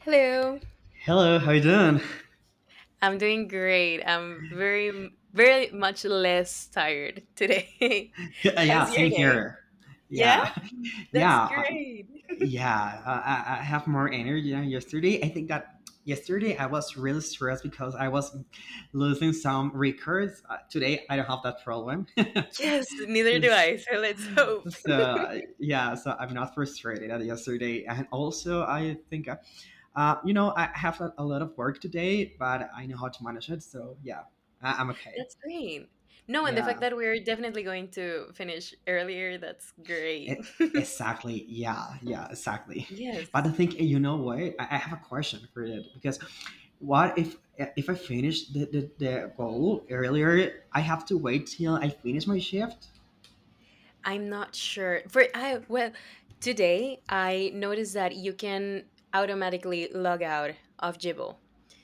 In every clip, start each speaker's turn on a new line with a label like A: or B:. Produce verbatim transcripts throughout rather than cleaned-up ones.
A: Hello.
B: Hello, how you doing?
A: I'm doing great. I'm very, very much less tired today.
B: Yeah,
A: How's
B: same
A: your day?
B: here.
A: Yeah,
B: Yeah,
A: that's
B: yeah, uh,
A: great.
B: yeah. Uh, I, I have more energy than yesterday. I think that yesterday I was really stressed because I was losing some records. Uh, today I don't have that problem.
A: Yes, neither do
B: S-
A: I. So let's hope.
B: so yeah, so I'm not frustrated at yesterday. And also I think, uh, uh, you know, I have a, a lot of work today, but I know how to manage it. So yeah, I, I'm okay.
A: That's great. No, and the
B: Yeah.
A: fact that we're definitely going to finish earlier, that's great.
B: E- exactly. Yeah. Yeah. Exactly.
A: Yes.
B: But I think eh, you know what? I, I have a question for it, because what if, eh, if I finish the, the, the goal earlier? I have to wait till I finish my shift.
A: I'm not sure. For I well, today I noticed that you can automatically log out of Jibo.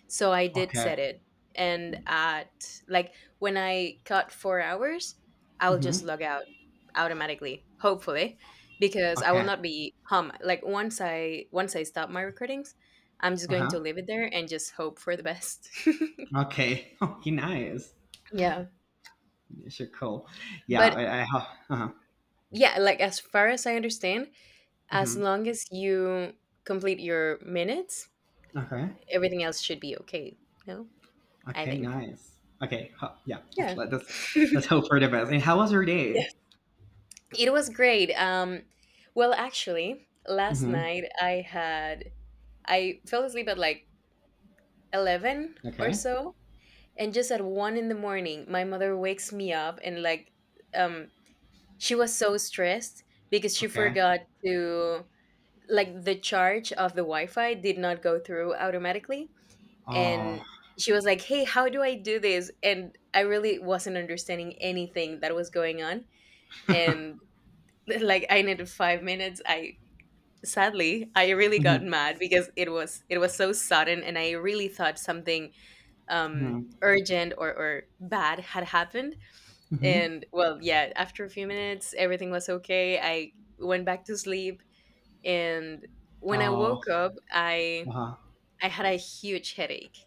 A: So I did
B: Okay.
A: set it. And at like when I cut four hours, I'll just
B: Mm-hmm.
A: log out automatically, hopefully, because I will
B: Okay.
A: not be hum like once I once I stop my recordings, I'm just
B: Uh
A: going
B: huh.
A: to leave it there and just hope for the best.
B: Okay. Okay. Nice.
A: Yeah.
B: Sure. Cool. Yeah.
A: But
B: I, I have. Uh huh.
A: yeah, like as far as I understand, as
B: Mm-hmm.
A: long as you complete your minutes,
B: Okay.
A: everything else should be okay. No, I
B: Okay.
A: think.
B: Nice. Okay. Huh, yeah. Just
A: Yeah.
B: let us
A: Yeah.
B: Let's hope for the best. And how was your day?
A: It was great. Um, well, actually, last
B: Mm-hmm.
A: night I had I fell asleep at like eleven or
B: Okay.
A: so, and just at one in the morning, my mother wakes me up and like, um, she was so stressed because she
B: Okay.
A: forgot to like the charge of the Wi-Fi did not go through automatically,
B: Oh.
A: and she was like, hey, how do I do this? And I really wasn't understanding anything that was going on, and like I needed five minutes. I sadly, I really got
B: Mhm.
A: mad because it was it was so sudden, and I really thought something um
B: Mhm.
A: urgent or, or bad had happened.
B: Mhm.
A: And well, yeah, after a few minutes everything was okay. I went back to sleep, and when I
B: Oh.
A: woke up, i
B: Uh-huh.
A: i had a huge headache.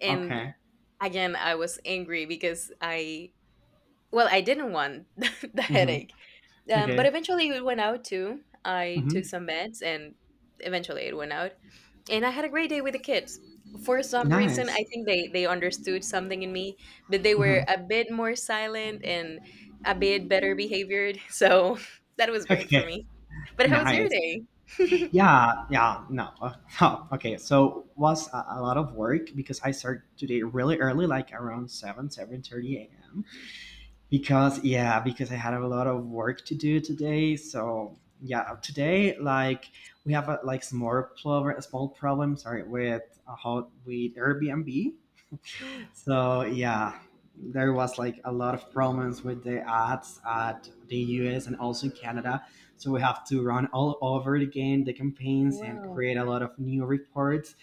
A: And
B: Okay.
A: again, I was angry because I well, I didn't want the
B: Mhm.
A: headache. Um, but
B: Okay.
A: eventually it went out too. I took
B: Mhm.
A: some meds, and eventually it went out. And I had a great day with the kids. For some reason,
B: Nice.
A: I think they they understood something in me, but they were
B: Mhm.
A: a bit more silent and a bit better behaviored. So that was great for
B: Okay.
A: me. But how was your
B: Nice.
A: day?
B: Yeah. Yeah. No. uh, Oh, okay. So was a, a lot of work because I started today really early, like around seven, seven thirty a m. Because yeah, because I had a lot of work to do today. So yeah, today, like, we have a, like, some more problem, small problem. Sorry, with, uh, how, with Airbnb. So yeah, there was like a lot of problems with the ads at the U S and also in Canada. So we have to run all over again the campaigns and
A: Wow.
B: create a lot of new reports.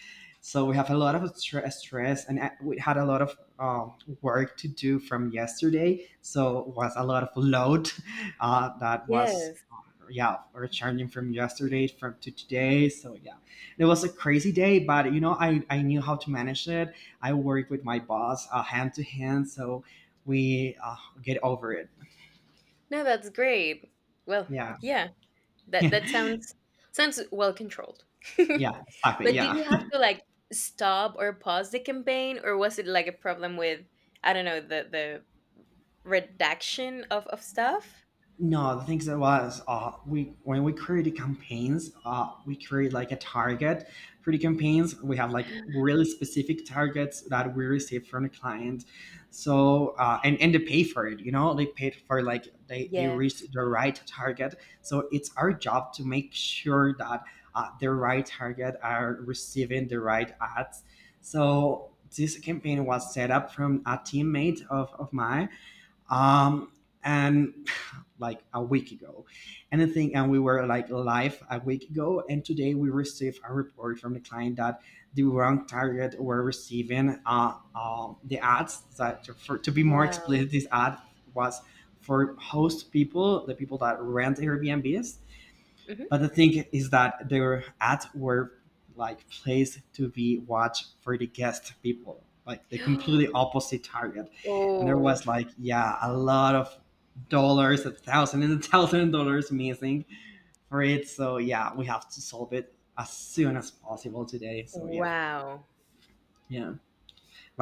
B: So we have a lot of stre- stress, and uh, we had a lot of um, work to do from yesterday. So was a lot of load, uh, that was,
A: Yes.
B: uh, yeah, returning from yesterday from to today. So yeah, it was a crazy day, but you know, I, I knew how to manage it. I work with my boss, uh, hand to hand, so we, uh, get over it.
A: No, that's great. Well,
B: Yeah,
A: yeah. That
B: yeah,
A: that sounds sounds well controlled.
B: yeah, exactly.
A: But did
B: Yeah.
A: you have to like stop or pause the campaign, or was it like a problem with, I don't know, the the redaction of of stuff?
B: No, the things that was, uh, we, when we created campaigns, uh, we create like a target for the campaigns. We have like really specific targets that we receive from the client. So, uh, and and they pay for it. You know, they paid for like they they
A: Yes.
B: reached the right target. So it's our job to make sure that, uh, the right target are receiving the right ads. So this campaign was set up from a teammate of of mine, um, and like a week ago. And the thing, and we were like live a week ago, and today we received a report from the client that the wrong target were receiving, uh, uh, the ads that, for, to be more
A: Wow.
B: explicit, this ad was for host people, the people that rent Airbnbs,
A: Mhm.
B: but the thing is that their ads were like placed to be watched for the guest people, like the completely opposite target. And there
A: Oh,
B: was like, yeah, a lot of dollars, a thousand and a thousand dollars missing for it. So yeah, we have to solve it as soon as possible today. So yeah,
A: wow.
B: yeah.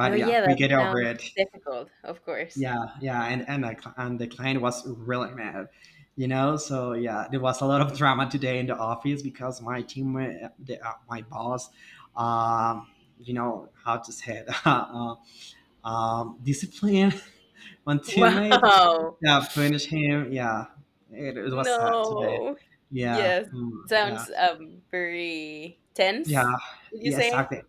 A: No,
B: yeah,
A: yeah,
B: we
A: that
B: get over
A: sounds
B: it.
A: difficult, of course.
B: Yeah, yeah, and and the, cl- and the client was really mad, you know. So yeah, there was a lot of drama today in the office because my team, uh, the, uh, my boss, um, you know how to say it, uh, um, discipline. One teammate,
A: Wow.
B: yeah, punish him. Yeah, it, it was sad today.
A: No.
B: Yeah,
A: Yes.
B: mm, yeah,
A: Sounds um very
B: yeah,
A: tense, would you
B: yeah,
A: say?
B: exactly.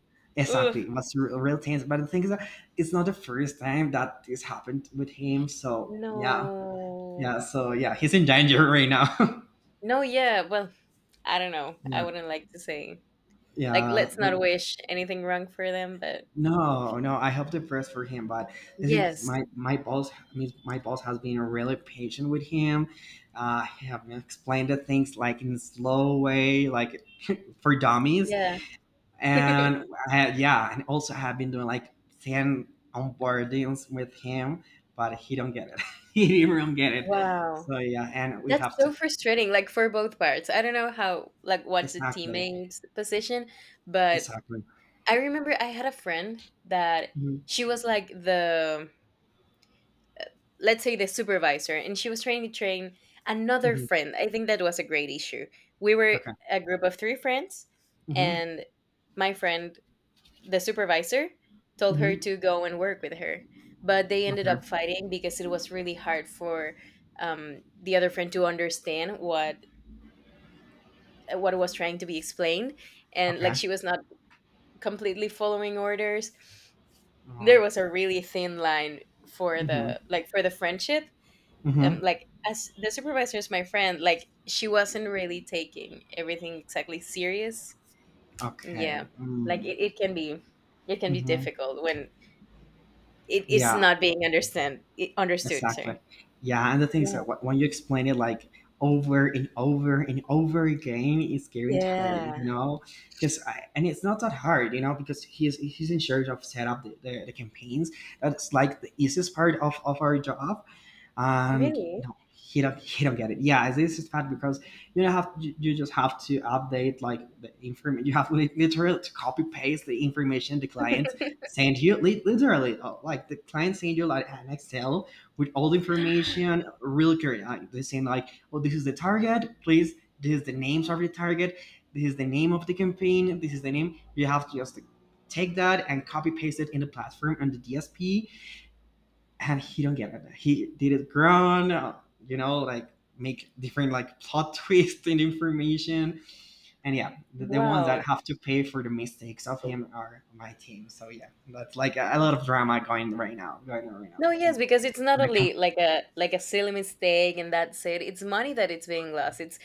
A: Ugh.
B: Exactly, it was real, real tense. But the thing is that it's not the first time that this happened with him. So yeah,
A: No.
B: yeah, so yeah, he's in danger right now.
A: No, yeah, well, I don't know. I
B: Yeah,
A: wouldn't like to say, like,
B: yeah,
A: let's not wish anything wrong for them, but.
B: no, no, I hope the best for him, but I think
A: Yes.
B: my my boss, I mean, my boss has been really patient with him. Uh, he have explained the things like in slow way, like, for dummies,
A: Yeah.
B: and, uh, yeah, and also have been doing like ten onboardings with him, but he don't get it. He don't get it.
A: Wow.
B: So yeah, and we
A: That's
B: have to,
A: so frustrating, like, for both parts. I don't know how, like, what's a
B: exactly,
A: teammate's position, but
B: exactly.
A: I remember I had a friend that
B: Mhm,
A: she was like the, let's say, the supervisor, and she was trying to train another
B: mhm.
A: friend. I think that was a great issue. We were
B: Okay.
A: a group of three friends,
B: Mhm.
A: and my friend, the supervisor, told her
B: Mhm.
A: to go and work with her, but they ended
B: Okay.
A: up fighting because it was really hard for, um, the other friend to understand what what was trying to be explained, and like
B: Okay.
A: she was not completely following orders.
B: Alright.
A: There was a really thin line for
B: Mhm.
A: the, like for the friendship. Um,
B: Mhm.
A: like, as the supervisor is my friend, like she wasn't really taking everything exactly serious, yeah.
B: Okay.
A: Like
B: Mm.
A: it, it can be, it can be
B: Mhm.
A: difficult when it, it's
B: Yeah.
A: not being understand it, understood,
B: Exactly.
A: sir.
B: Yeah. And the thing is that,
A: Yeah,
B: wh- when you explain it like over and over and over again, it's getting tiring, you
A: yeah,
B: know. Because, and it's not that hard, you know, because he's he's in charge of set up the, the, the campaigns. That's like the easiest part of of our job. And
A: really.
B: no, he don't he don't get it. Yeah, this is bad, because you have, you you just have to update like the information. You have li- literally to copy paste the information the client sent you, li- literally. Uh, like, the client sent you like an Excel with all the information really clear, like they saying, like, oh, this is the target, please. This is the names of the target. This is the name of the campaign. This is the name. You have to just take that and copy paste it in the platform and the D S P, and he don't get it. He did it grown, uh, you know, like, make different like plot twists and information. And yeah, the, the ones that
A: Wow,
B: have to pay for the mistakes of him are my team. So yeah, that's like a, a lot of drama going right now, going on right now.
A: no.
B: In,
A: Yes, because it's
B: in
A: not
B: my com-
A: only like a like a silly mistake and that's it. It's money that it's being lost. it's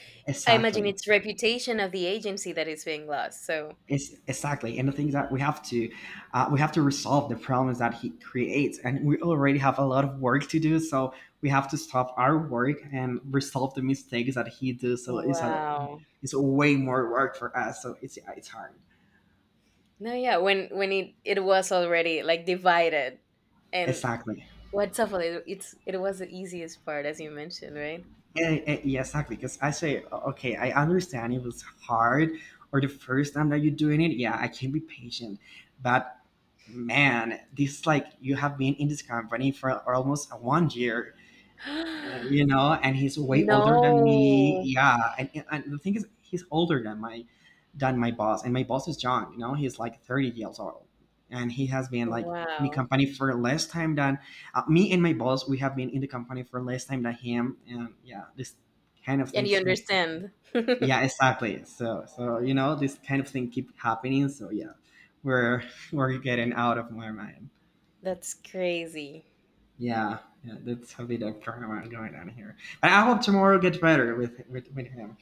A: i imagine
B: exactly.
A: it's reputation of the agency that is being lost. So
B: It's, exactly, and the things that we have to, uh, we have to resolve the problems that he creates, and we already have a lot of work to do. So we have to stop our work and resolve the mistakes that he does. So it's a
A: wow.
B: it's way more work for us. So it's, yeah, it's hard.
A: No, yeah, when when it it was already like divided, and
B: Exactly.
A: what's awful, it, it's it was the easiest part, as you mentioned, right?
B: And, and- yeah, exactly. Because I say, O- okay, I understand it was hard, or the first time that you're doing it, yeah, I can be patient. But man, this, like, you have been in this company for almost a one year, uh, you know, and he's way older than me.
A: No,
B: Yeah, and, and and the thing is, he's older than my than my boss, and my boss is John. You know, he's like thirty years old, and he has been like in the
A: wow,
B: company for less time than, uh, me and my boss. We have been in the company for less time than him, and yeah, this kind of
A: and you
B: things.
A: understand.
B: Yeah, exactly. So, so you know, this kind of thing keep happening. So yeah, we're we're getting out of my mind.
A: That's crazy.
B: Yeah, yeah, that's a bit of drama going on here. But I hope tomorrow gets better with, with, with him.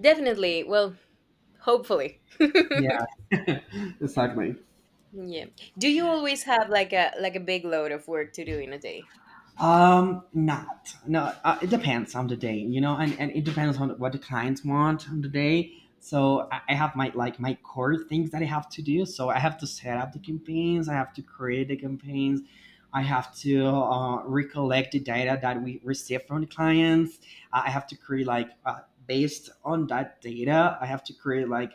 A: Definitely. Well, hopefully.
B: Yeah, exactly.
A: Yeah. Do you always have like a like a big load of work to do in a day?
B: Um, not, no. Uh, it depends on the day, you know, and, and it depends on what the clients want on the day. So I, I have my, like, my core things that I have to do. So I have to set up the campaigns. I have to create the campaigns. I have to, uh, recollect the data that we receive from the clients. I I have to create like, uh, based on that data. I have to create like,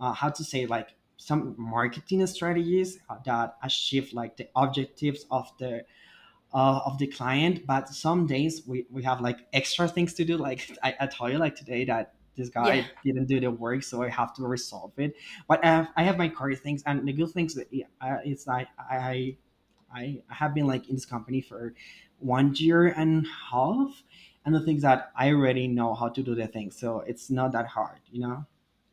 B: uh, how to say, like some marketing strategies that achieve like the objectives of the, uh, of the client, but some days we, we have like extra things to do, like, I, I told you, like today that this
A: Yeah.
B: guy didn't do the work, so I have to resolve it, but i have, I have my core things, and the good things that, uh, it's like, i I have been like in this company for one year and a half, and the things that I already know how to do the things, so it's not that hard, you know.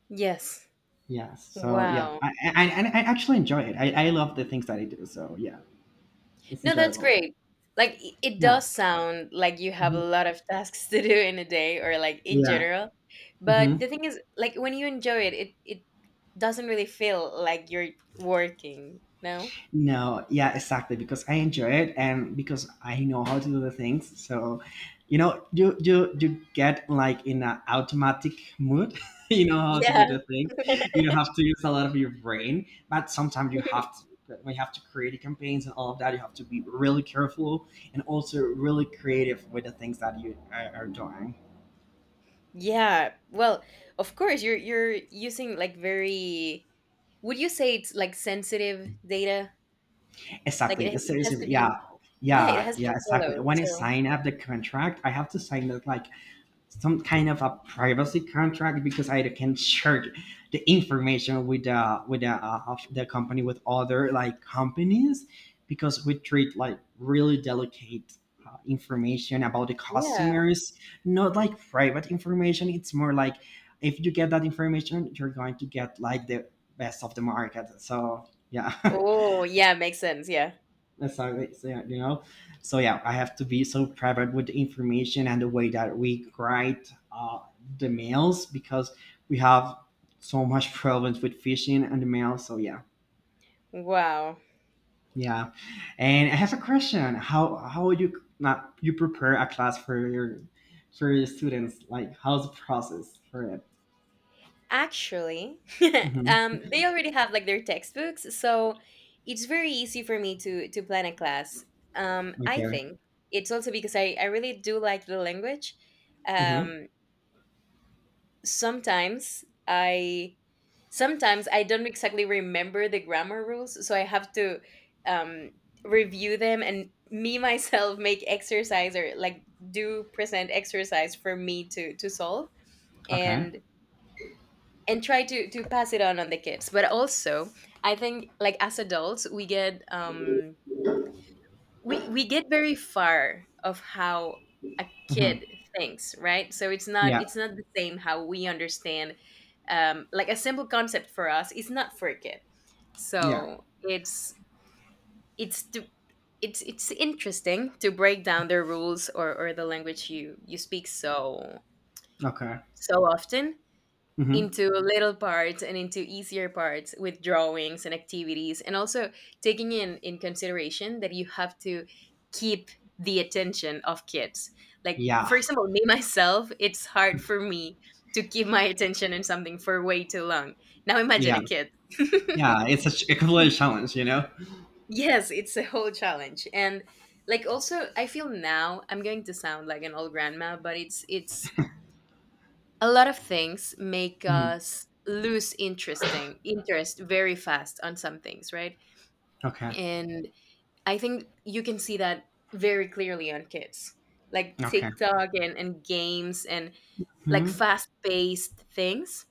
A: Yes.
B: Yes. So yeah,
A: Wow.
B: I I, I, I actually enjoy it. I, I love the things that I do. So yeah, it's
A: No, that's
B: enjoyable.
A: great. Like, i- it
B: Yeah.
A: does sound like you have a
B: Mhm.
A: lot of tasks to do in a day or like in
B: Yeah.
A: general. But
B: Hmm.
A: the thing is, like, when you enjoy it, it it doesn't really feel like you're working, no?
B: No. Yeah. Exactly. Because I enjoy it, and because I know how to do the things. So, you know, you you you get like in an automatic mood. You know how to do
A: Yeah.
B: the thing. You don't have to use a lot of your brain, but sometimes you have to. We have to create campaigns and all of that. You have to be really careful and also really creative with the things that you are, are doing.
A: Yeah. Well, of course you're you're using like very, would you say it's like sensitive data? Like
B: Exactly.
A: it,
B: It's
A: it has
B: seriously,
A: to be,
B: yeah,
A: yeah, it
B: yeah,
A: has to
B: yeah,
A: be
B: exactly.
A: followed.
B: When I
A: So,
B: sign up the contract, I have to sign up like some kind of a privacy contract because I can share the information with the, with the, uh, of the company with other like companies, because we treat like really delicate, uh, information about the
A: yeah.
B: customers, not like private information. It's more like if you get that information, you're going to get like the best of the market. So yeah.
A: Oh, yeah, makes sense. Yeah.
B: That's how they you know. So yeah, I have to be so private with the information and the way that we write uh, the mails because we have so much problems with phishing and the mail. So yeah,
A: Wow.
B: yeah. And I have a question: How how would you not you prepare a class for your for your students? Like how's the process for it?
A: Actually,
B: Hmm.
A: um, they already have like their textbooks, so it's very easy for me to to plan a class. Um, I
B: Okay.
A: think it's also because I I really do like the language.
B: Hmm.
A: Um, sometimes I sometimes I don't exactly remember the grammar rules, so I have to, um, review them and me myself make exercise, or like do present exercise for me to to solve,
B: Okay.
A: and and try to to pass it on on the kids. But also, I think, like, as adults we get, um we we get very far of how a
B: Hmm.
A: kid thinks, right? So it's not
B: Yeah.
A: it's not the same how we understand, um like a simple concept for us is not for a kid.
B: Yeah.
A: So it's it's to it's it's interesting to break down the rules, or, or the language you you speak so
B: Okay.
A: so often
B: Hmm.
A: into little parts and into easier parts with drawings and activities, and also taking in in consideration that you have to keep the attention of kids. Like,
B: Yeah.
A: for example, me myself, it's hard for me to keep my attention in something for way too long. Now imagine
B: Yeah.
A: a kid.
B: Yeah. It's a, ch- a complete challenge, you know.
A: Yes, it's a whole challenge. And like also I feel, now I'm going to sound like an old grandma, but it's it's a lot of things make
B: Mhm.
A: us lose interesting interest very fast on some things, right?
B: Okay.
A: And I think you can see that very clearly on kids. Like
B: Okay.
A: TikTok and, and games and like
B: Hmm.
A: fast-paced things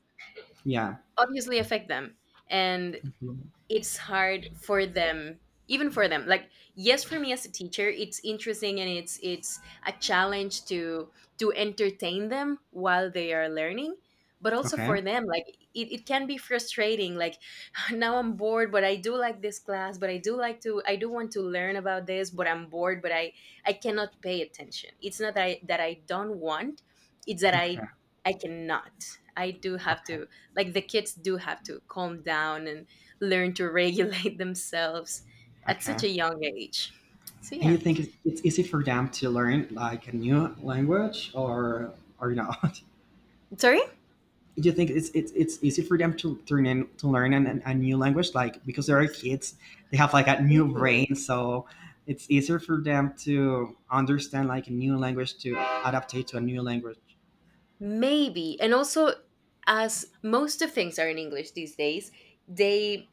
B: Yeah.
A: obviously affect them. And
B: Mhm.
A: it's hard for them, even for them. Like, yes, for me as a teacher, it's interesting and it's it's a challenge to to entertain them while they are learning, but also
B: Okay.
A: for them, like, it, it can be frustrating. Like, now I'm bored, but I do like this class, but i do like to I do want to learn about this, but I'm bored, but i i cannot pay attention. It's not that i that i don't want. It's that
B: Okay.
A: i i cannot. I do have
B: Okay.
A: to, like the kids do have to calm down and learn to regulate themselves at such
B: Okay.
A: a young age. So
B: And
A: yeah.
B: you think it's, it's easy for them to learn like a new language, or or not?
A: Sorry?
B: Do you think it's it's, it's easy for them to turn in to learn an, an- a new language, like because they are kids, they have like a new
A: Ooh.
B: brain, so it's easier for them to understand like a new language to adapt it to a new language.
A: Maybe. And also, as most of things are in English these days, they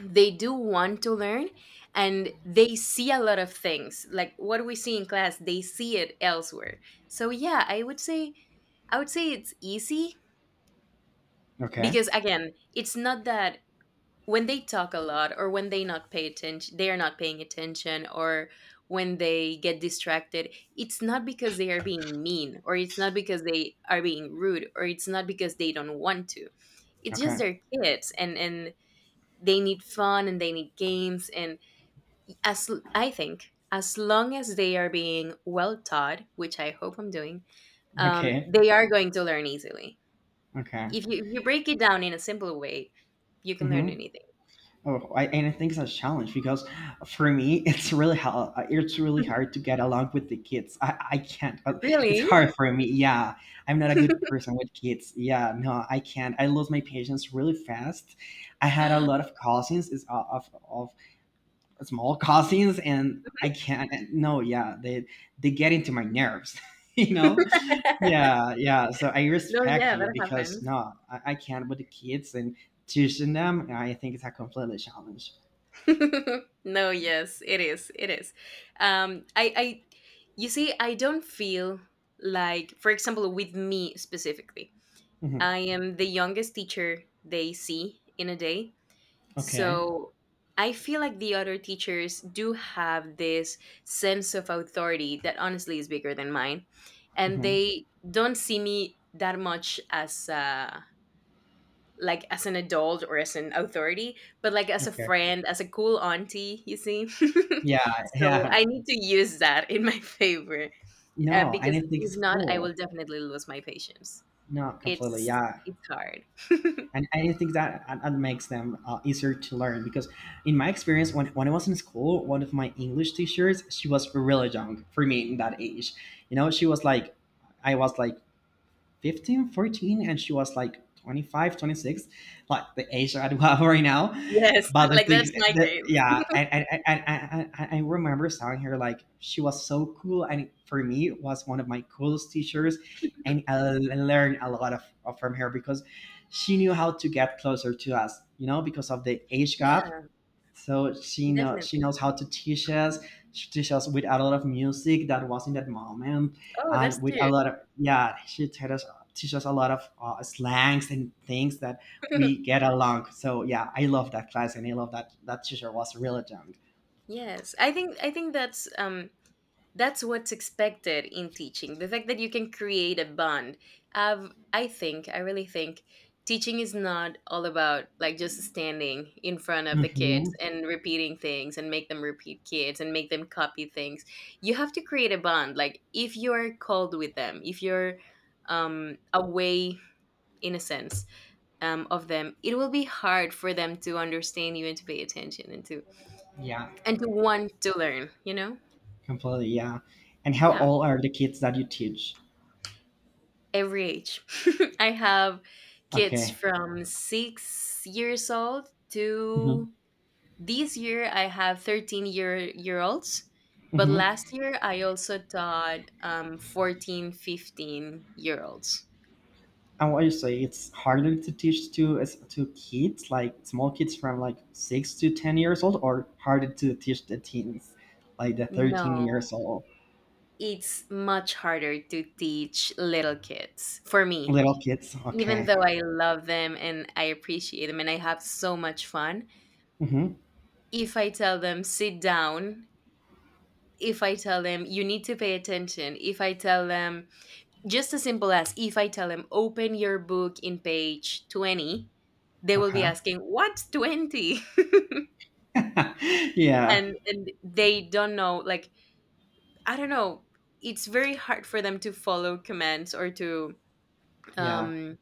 A: they do want to learn, and they see a lot of things. Like, what we see in class, they see it elsewhere. So yeah, I would say I would say it's easy,
B: Okay.
A: because, again, it's not that when they talk a lot, or when they not pay attention they are not paying attention, or when they get distracted, it's not because they are being mean, or it's not because they are being rude, or it's not because they don't want to. It's just
B: Okay.
A: their kids, and and they need fun, and they need games. And, as I think, as long as they are being well taught, which I hope I'm doing, um,
B: Okay.
A: they are going to learn easily.
B: Okay.
A: If you, if you break it down in a simple way, you can learn
B: Mm-hmm.
A: anything.
B: Oh, I, and I think it's a challenge because for me, it's really hard. It's really hard to get along with the kids. I, I can't. uh, It's
A: Really.
B: hard for me. Yeah, I'm not a good person with kids. Yeah, no, I can't. I lose my patience really fast. I had a lot of cousins, is uh, of of small cousins, and I can't. No, yeah, they they get into my nerves. You
A: No,
B: know. Yeah, yeah. So I respect
A: yeah,
B: you
A: that
B: because
A: happens.
B: no, I, I can't with the kids and teaching them. I think it's a completely challenge.
A: No, yes, it is. It is. Um, I, I, you see, I don't feel, like, for example, with me specifically,
B: Mhm.
A: I am the youngest teacher they see in a day.
B: Okay.
A: So I feel like the other teachers do have this sense of authority that honestly is bigger than mine. And
B: Mhm.
A: they don't see me that much as, uh, like as an adult or as an authority, but like as a
B: Okay.
A: friend, as a cool auntie, you see.
B: Yeah,
A: So
B: yeah.
A: I need to use that in my favor, uh,
B: No, I
A: because
B: didn't think
A: if
B: it's
A: not, I
B: cool.
A: will definitely lose my patience.
B: No, completely.
A: It's
B: Yeah.
A: it's hard.
B: And I didn't think that that that makes them uh, easier to learn because, in my experience, when, when I was in school, one of my English teachers, she was really young for me in that age. You know, she was like, I was like Fifteen, fourteen, and she was like twenty-five, twenty-six, like the age that I have right now.
A: Yes,
B: But the
A: like
B: things
A: that's my
B: that
A: case.
B: yeah, and and, and, and, and and I remember seeing her like she was so cool, and for me it was one of my coolest teachers, and I learned a lot of, of from her because she knew how to get closer to us you know because of the age
A: Yeah,
B: gap, so she knows she
A: definitely.
B: knows how to teach us. She teaches us with a lot of music that was in that moment,
A: Oh, that's
B: and with a
A: cute.
B: lot of yeah, she taught us teaches us a lot of uh, slangs and things that we get along. So yeah, I love that class, and I love that that teacher was really young.
A: Yes, I think, I think that's, um that's what's expected in teaching, the fact that you can create a bond. I've, i think i really think teaching is not all about, like, just standing in front of the kids
B: Hmm.
A: and repeating things and make them repeat kids and make them copy things. You have to create a bond. Like, if you're called with them, if you're, um away in a sense, um, of them, it will be hard for them to understand you and to pay attention and to
B: Yeah,
A: and to want to learn you know
B: completely. Yeah. And how
A: Yeah,
B: old are the kids that you teach?
A: every age. I have kids
B: Okay.
A: from six years old
B: Hmm.
A: to this year I have thirteen year year olds. But
B: Hmm.
A: last year I also taught um, fourteen, fifteen year olds.
B: And what you say, it's harder to teach to as- to kids, like small kids from like six to ten years old, or harder to teach the teens, like the thirteen years
A: No,
B: old
A: it's much harder to teach little kids for me.
B: little kids.
A: Even
B: Okay.
A: though I love them and I appreciate them and I have so much fun,
B: Mm-hmm.
A: if I tell them sit down, if I tell them you need to pay attention, if I tell them just as simple as if I tell them open your book in page twenty, they will be
B: Okay.
A: asking what's twenty.
B: Yeah.
A: and and they don't know, like, I don't know, it's very hard for them to follow commands or to
B: Yeah.
A: um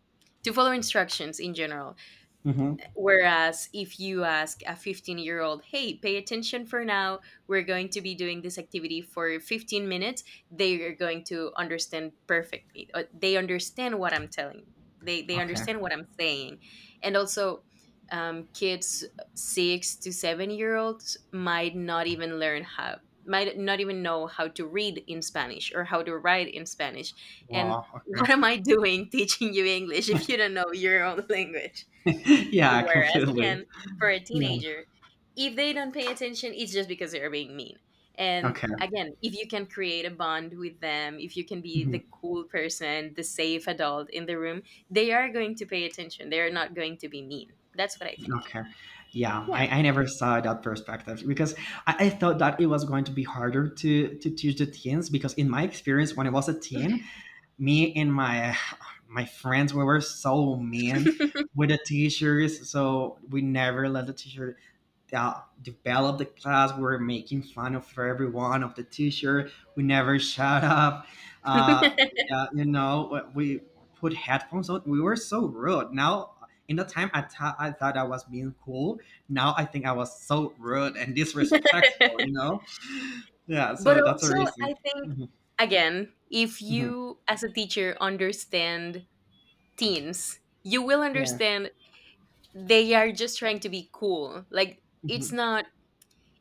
A: to follow instructions in general.
B: Mm-hmm.
A: Whereas if you ask a fifteen year old, hey, pay attention for now, we're going to be doing this activity for fifteen minutes, they are going to understand perfectly. Uh, They understand what I'm telling. They, they
B: Okay.
A: understand what I'm saying. And also, um, kids six to seven year olds might not even learn how, might not even know how to read in Spanish or how to write in Spanish. And
B: Wow.
A: what am I doing teaching you English if you don't know your own language?
B: Okay. Yeah.
A: Whereas
B: Completely.
A: again, for a
B: Yeah.
A: teenager, if they don't pay attention, it's just because they're being mean. And
B: Okay.
A: again, if you can create a bond with them, if you can be the
B: Mhm.
A: cool person, the safe adult in the room, they are going to pay attention. They are not going to be mean. That's what I think.
B: Okay. Yeah. I,
A: Yeah.
B: I never saw that perspective because I, I thought that it was going to be harder to to teach the teens because in my experience when I was a teen, me and my my friends, we were so mean with the teachers, so we never let the teacher uh, develop the class. We were making fun of everyone, of the teacher. We never shut up. uh, yeah, you know, we put headphones on. We were so rude. Now, in the time, I, thought I thought I was being cool. Now I think I was so rude and disrespectful you know Yeah,
A: But
B: so that's a
A: also,
B: reason.
A: I think,
B: Mhm,
A: again, if
B: mhm.
A: you as a teacher understand teens, you will
B: Yeah.
A: understand they are just trying to be cool. Like, it's
B: Mhm.
A: not,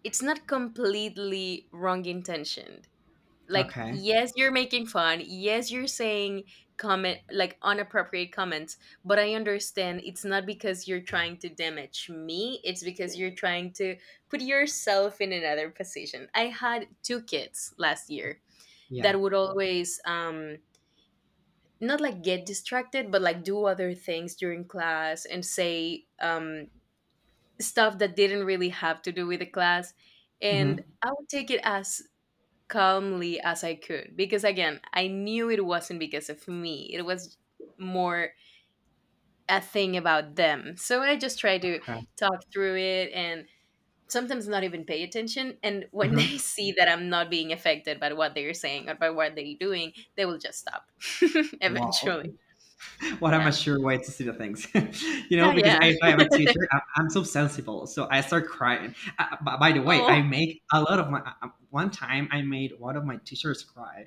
A: it's not completely wrong intentioned. Like,
B: Okay.
A: yes, you're making fun. Yes, you're saying comment like unappropriate comments, but I understand it's not because you're trying to damage me. It's because you're trying to put yourself in another position. I had two kids last year
B: Yeah.
A: that would always um not like get distracted, but like do other things during class and say um stuff that didn't really have to do with the class. And
B: Mm-hmm.
A: I would take it as calmly as I could. Because again, I knew it wasn't because of me, it was more a thing about them. So I just try to talk through it and sometimes not even pay attention. And when
B: Uh-huh.
A: they see that I'm not being affected by what they're saying or by what they're doing, they will just stop
B: Wow.
A: eventually.
B: What am I
A: Yeah.
B: sure way to see the things? You know,
A: No,
B: because
A: yeah.
B: if I am a teacher, I'm, I'm so sensible. So I start crying. Uh, b- by the way, I
A: Oh,
B: make a lot of my, uh, uh, one time I made one of my teachers cry.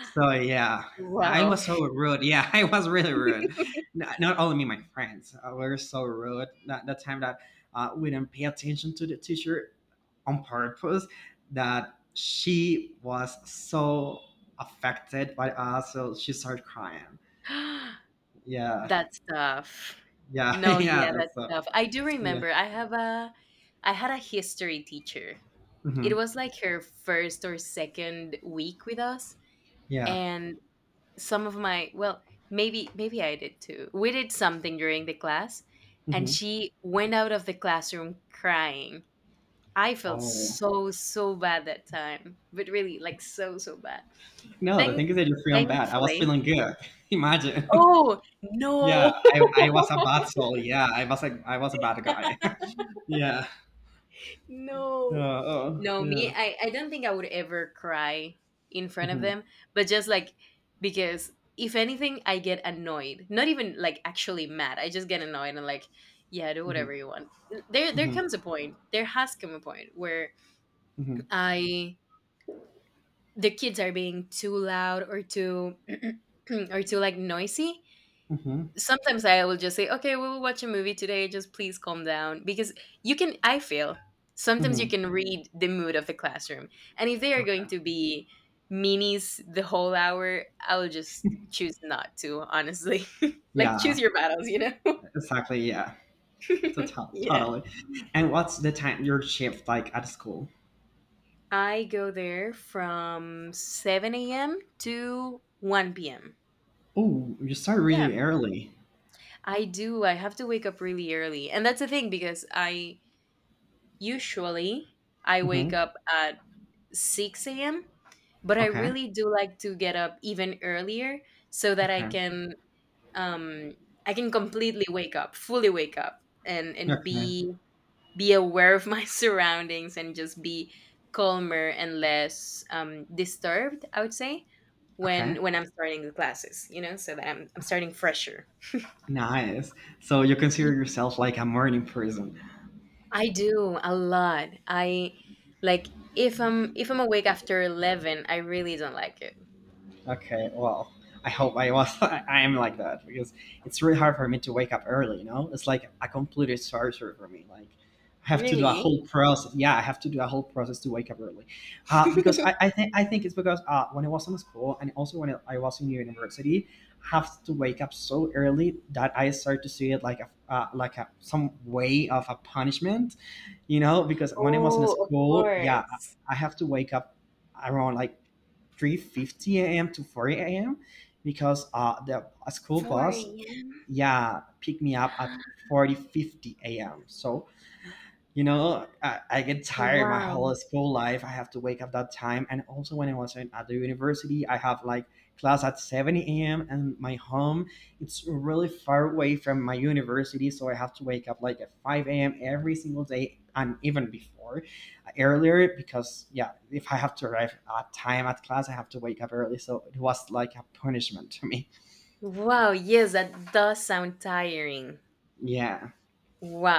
B: So yeah, I
A: wow.
B: was so rude. Yeah, I was really rude. N- Not only me, my friends, uh, we were so rude. That, that time that uh, we didn't pay attention to the teacher on purpose, that she was so affected by us. So she started crying. Yeah.
A: That stuff.
B: Yeah,
A: No,
B: yeah,
A: yeah, that
B: that's uh,
A: stuff. I do
B: yeah,
A: remember I have a I had a history teacher.
B: hmm,
A: It was like her first or second week with us
B: yeah.
A: and some of my well, maybe maybe I did too. We did something during the class and
B: Hmm.
A: she went out of the classroom crying. I felt
B: Oh
A: so so bad that time, but really like so so bad.
B: no, the thing
A: Thank
B: is, I just feel bad. I was
A: thankfully.
B: feeling good. Imagine,
A: Oh,
B: yeah,
A: no.
B: I, I was a bad soul. Yeah, I was a I was a bad guy. Yeah. Uh,
A: No.
B: oh
A: No,
B: yeah.
A: me, I, I don't think I would ever cry in front of
B: Hmm.
A: them, but just like because if anything, I get annoyed. Not even like actually mad. I just get annoyed and like, yeah, do
B: Hmm.
A: whatever you want. There there
B: Hmm.
A: comes a point. There has come a point where
B: Hmm.
A: I the kids are being too loud or too or too like noisy,
B: Hmm.
A: sometimes I will just say, okay, we will watch a movie today. Just please calm down because you can, I feel sometimes you
B: Hmm.
A: can read the mood of the classroom. And if they are going to be meanies the whole hour, I will just choose not to, honestly. Like, choose
B: Yeah,
A: your battles, you know?
B: exactly. Yeah, To- to-
A: Yeah.
B: totally. And what's the time your shift like at school?
A: I go there from seven a m to one p m.
B: Oh, you start
A: Yeah,
B: really early.
A: I do. I have to wake up really early. And that's the thing because I usually I wake
B: Hmm.
A: up at six a m. But I
B: Okay.
A: really do like to get up even earlier so that I
B: Okay.
A: can um, I can completely wake up, fully wake up, and and
B: Okay.
A: be be aware of my surroundings and just be calmer and less um, disturbed. I would say when
B: Okay.
A: when I'm starting the classes, you know, so that I'm I'm starting fresher.
B: Nice. So you
A: Yeah,
B: consider yourself like a morning person.
A: I do a lot. I like if I'm if I'm awake after eleven, I really don't like it.
B: Okay, well, I hope I was I am like that because it's really hard for me to wake up early, you know? It's like a completed sorcery for me. Like I have to do a
A: Really?
B: whole process. Yeah, I have to do a whole process to wake up early. Uh, because I, I think I think it's because uh, when I was in school and also when I was in university, I have to wake up so early that I start to see it like a uh, like a some way of a punishment, you know? Because when I was in
A: Oh, of
B: school, yeah, I
A: course.
B: I have to wake up around like three fifty a m to four a m because uh, the a school
A: 4
B: bus,
A: a.m.
B: yeah, picked me up at forty fifty a m. So you know, I, I get tired. My
A: Wow.
B: whole school life, I have to wake up that time. And also, when I was in, at the university, I have like class at seven a m, and my home, it's really far away from my university. So I have to wake up like at five a m every single day and even before, uh, earlier because, yeah, if I have to arrive at time at class, I have to wake up early. So it was like a punishment to me.
A: Wow. Yes, that does sound tiring.
B: Yeah.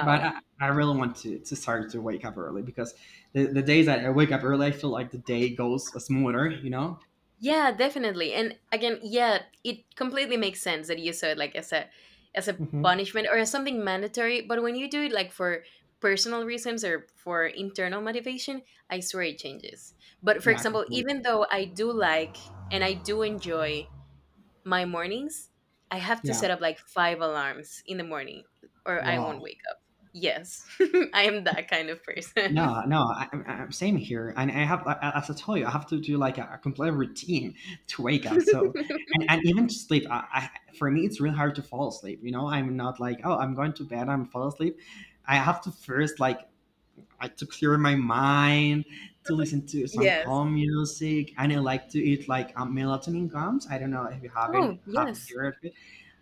B: But I, I really want to, to start to wake up early because the, the days that I wake up early, I feel like the day goes smoother, you know?
A: Yeah, definitely. And again, yeah, it completely makes sense that you saw it like as a as a
B: Hmm.
A: punishment or as something mandatory. But when you do it like for personal reasons or for internal motivation, I swear it changes. But for
B: Yeah,
A: example,
B: completely.
A: even though I do like and I do enjoy my mornings, I have to
B: Yeah.
A: set up like five alarms in the morning or I
B: Wow.
A: won't wake up. Yes, I am that kind of person.
B: No, no, I, I- I'm same here, and I have, I- as I told you, I have to do like a, a complete routine to wake up. So, and, and even to sleep, I, I, for me, it's really hard to fall asleep. You know, I'm not like, oh, I'm going to bed, I'm fall asleep. I have to first, like, I to clear my mind, to listen to some
A: Yes.
B: calm music, and I like to eat like um, melatonin gums. I don't know if you haven't
A: Oh,
B: have
A: yes.
B: heard of it.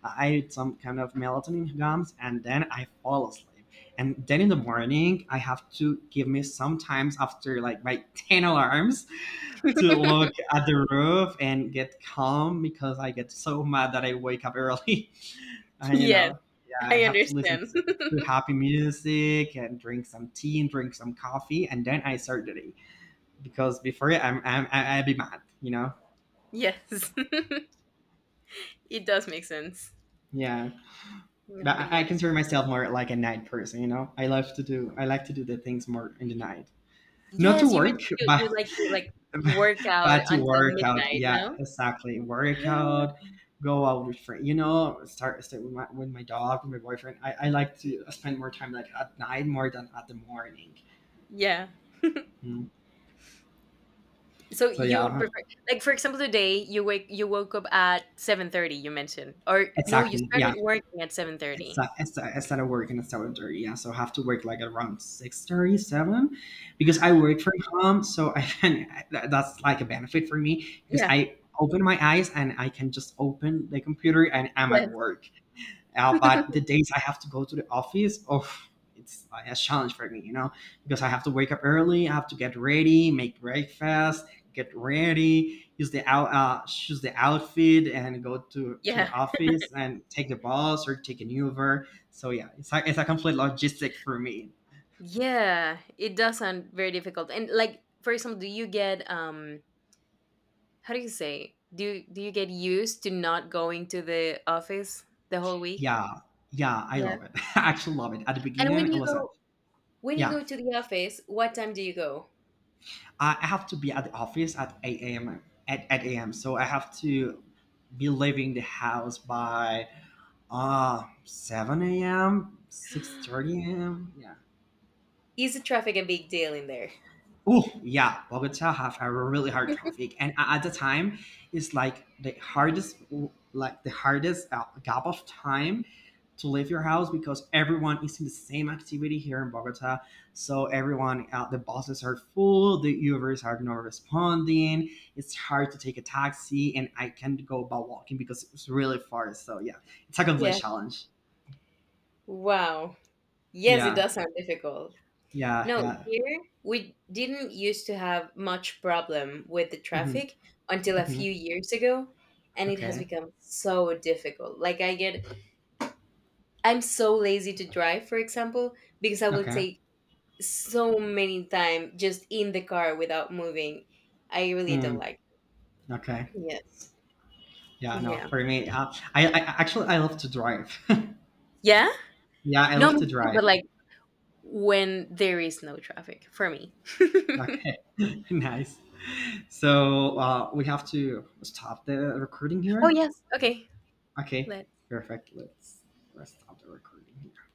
B: I I eat some kind of melatonin gums, and then I fall asleep. And then in the morning, I have to give me sometimes after like my ten alarms to look at the roof and get calm because I get so mad that I wake up early. And you
A: Yes,
B: know, yeah, and
A: I
B: have to listen
A: understand.
B: to, to happy music and drink some tea and drink some coffee, and then I start the day because before it, I'm I'm I- I'll be mad, you know.
A: Yes, it does make sense.
B: Yeah,
A: Yeah,
B: but
A: but
B: I, I
A: yeah.
B: consider myself more like a night person, you know. I love to do I like to do the things more in the night, not to
A: Yes, you mentioned
B: work,
A: you,
B: but
A: you like to like work out
B: but to
A: until
B: work out.
A: midnight,
B: Yeah,
A: no?
B: exactly, work out. Go out with friends, you know. Start start with my with my dog, with my boyfriend. I, I like to spend more time like at night more than at the morning.
A: Yeah.
B: Mm.
A: So
B: So
A: you would
B: yeah,
A: prefer, like for example, today you wake you woke up at seven thirty. You mentioned, or no, you
B: exactly. Yeah,
A: started working at seven
B: it's
A: thirty.
B: a, it's a, it's at seven thirty. Yeah, so I have to work like around six thirty seven, because I work from home. So I can that- that's like a benefit for me because
A: Yeah.
B: I open my eyes and I can just open the computer and I'm
A: Yeah,
B: at work. Uh, but the days I have to go to the office, oh, it's like a challenge for me, you know, because I have to wake up early, I have to get ready, make breakfast, get ready, use the out, uh, choose the outfit, and go to to the
A: yeah.
B: office and take the bus or take an Uber. So yeah, it's a, it's a complete logistic for me.
A: Yeah. It does sound very difficult. And like, for example, do you get um? How do you say? Do you, do you get used to not going to the office the whole week?
B: Yeah, yeah, I
A: Yeah.
B: love it. I actually love it. At the
A: And
B: beginning,
A: when
B: it
A: you
B: was a
A: go when you
B: yeah.
A: go to the office, what time do you go?
B: I I have to be at the office at eight a m at eight a m So I have to be leaving the house by Uh, seven a m, six thirty a m. Yeah.
A: Is the traffic a big deal in there?
B: Oh, yeah. Bogota have a really hard traffic. And a- at the time, it's like the hardest, like the hardest uh, gap of time to leave your house because everyone is in the same activity here in Bogota. So everyone, uh, the buses are full, the Ubers are not responding. It's hard to take a taxi, and I can't go about walking because it's really far. So yeah, it's a complete
A: Yeah.
B: challenge.
A: Wow. Yes, it
B: Yeah,
A: does sound difficult.
B: yeah,
A: No,
B: yeah.
A: here we didn't used to have much problem with the
B: Mhm,
A: traffic until a
B: mhm,
A: few years ago, and it has
B: okay,
A: become so difficult. Like I get I'm so lazy to drive, for example, because I will
B: okay,
A: take so many time just in the car without moving. I really
B: mm,
A: don't like
B: okay.
A: it. Yes.
B: Yeah, no,
A: Yeah.
B: for me, uh, I, I actually I love to drive.
A: Yeah?
B: Yeah, I
A: No,
B: love
A: me
B: to
A: too,
B: drive.
A: but like when there is no traffic for me.
B: Okay, nice. So uh, we have to stop the recording
A: Oh
B: here.
A: yes. Okay.
B: Okay,
A: Let
B: perfect. Let's let's stop the recording. here.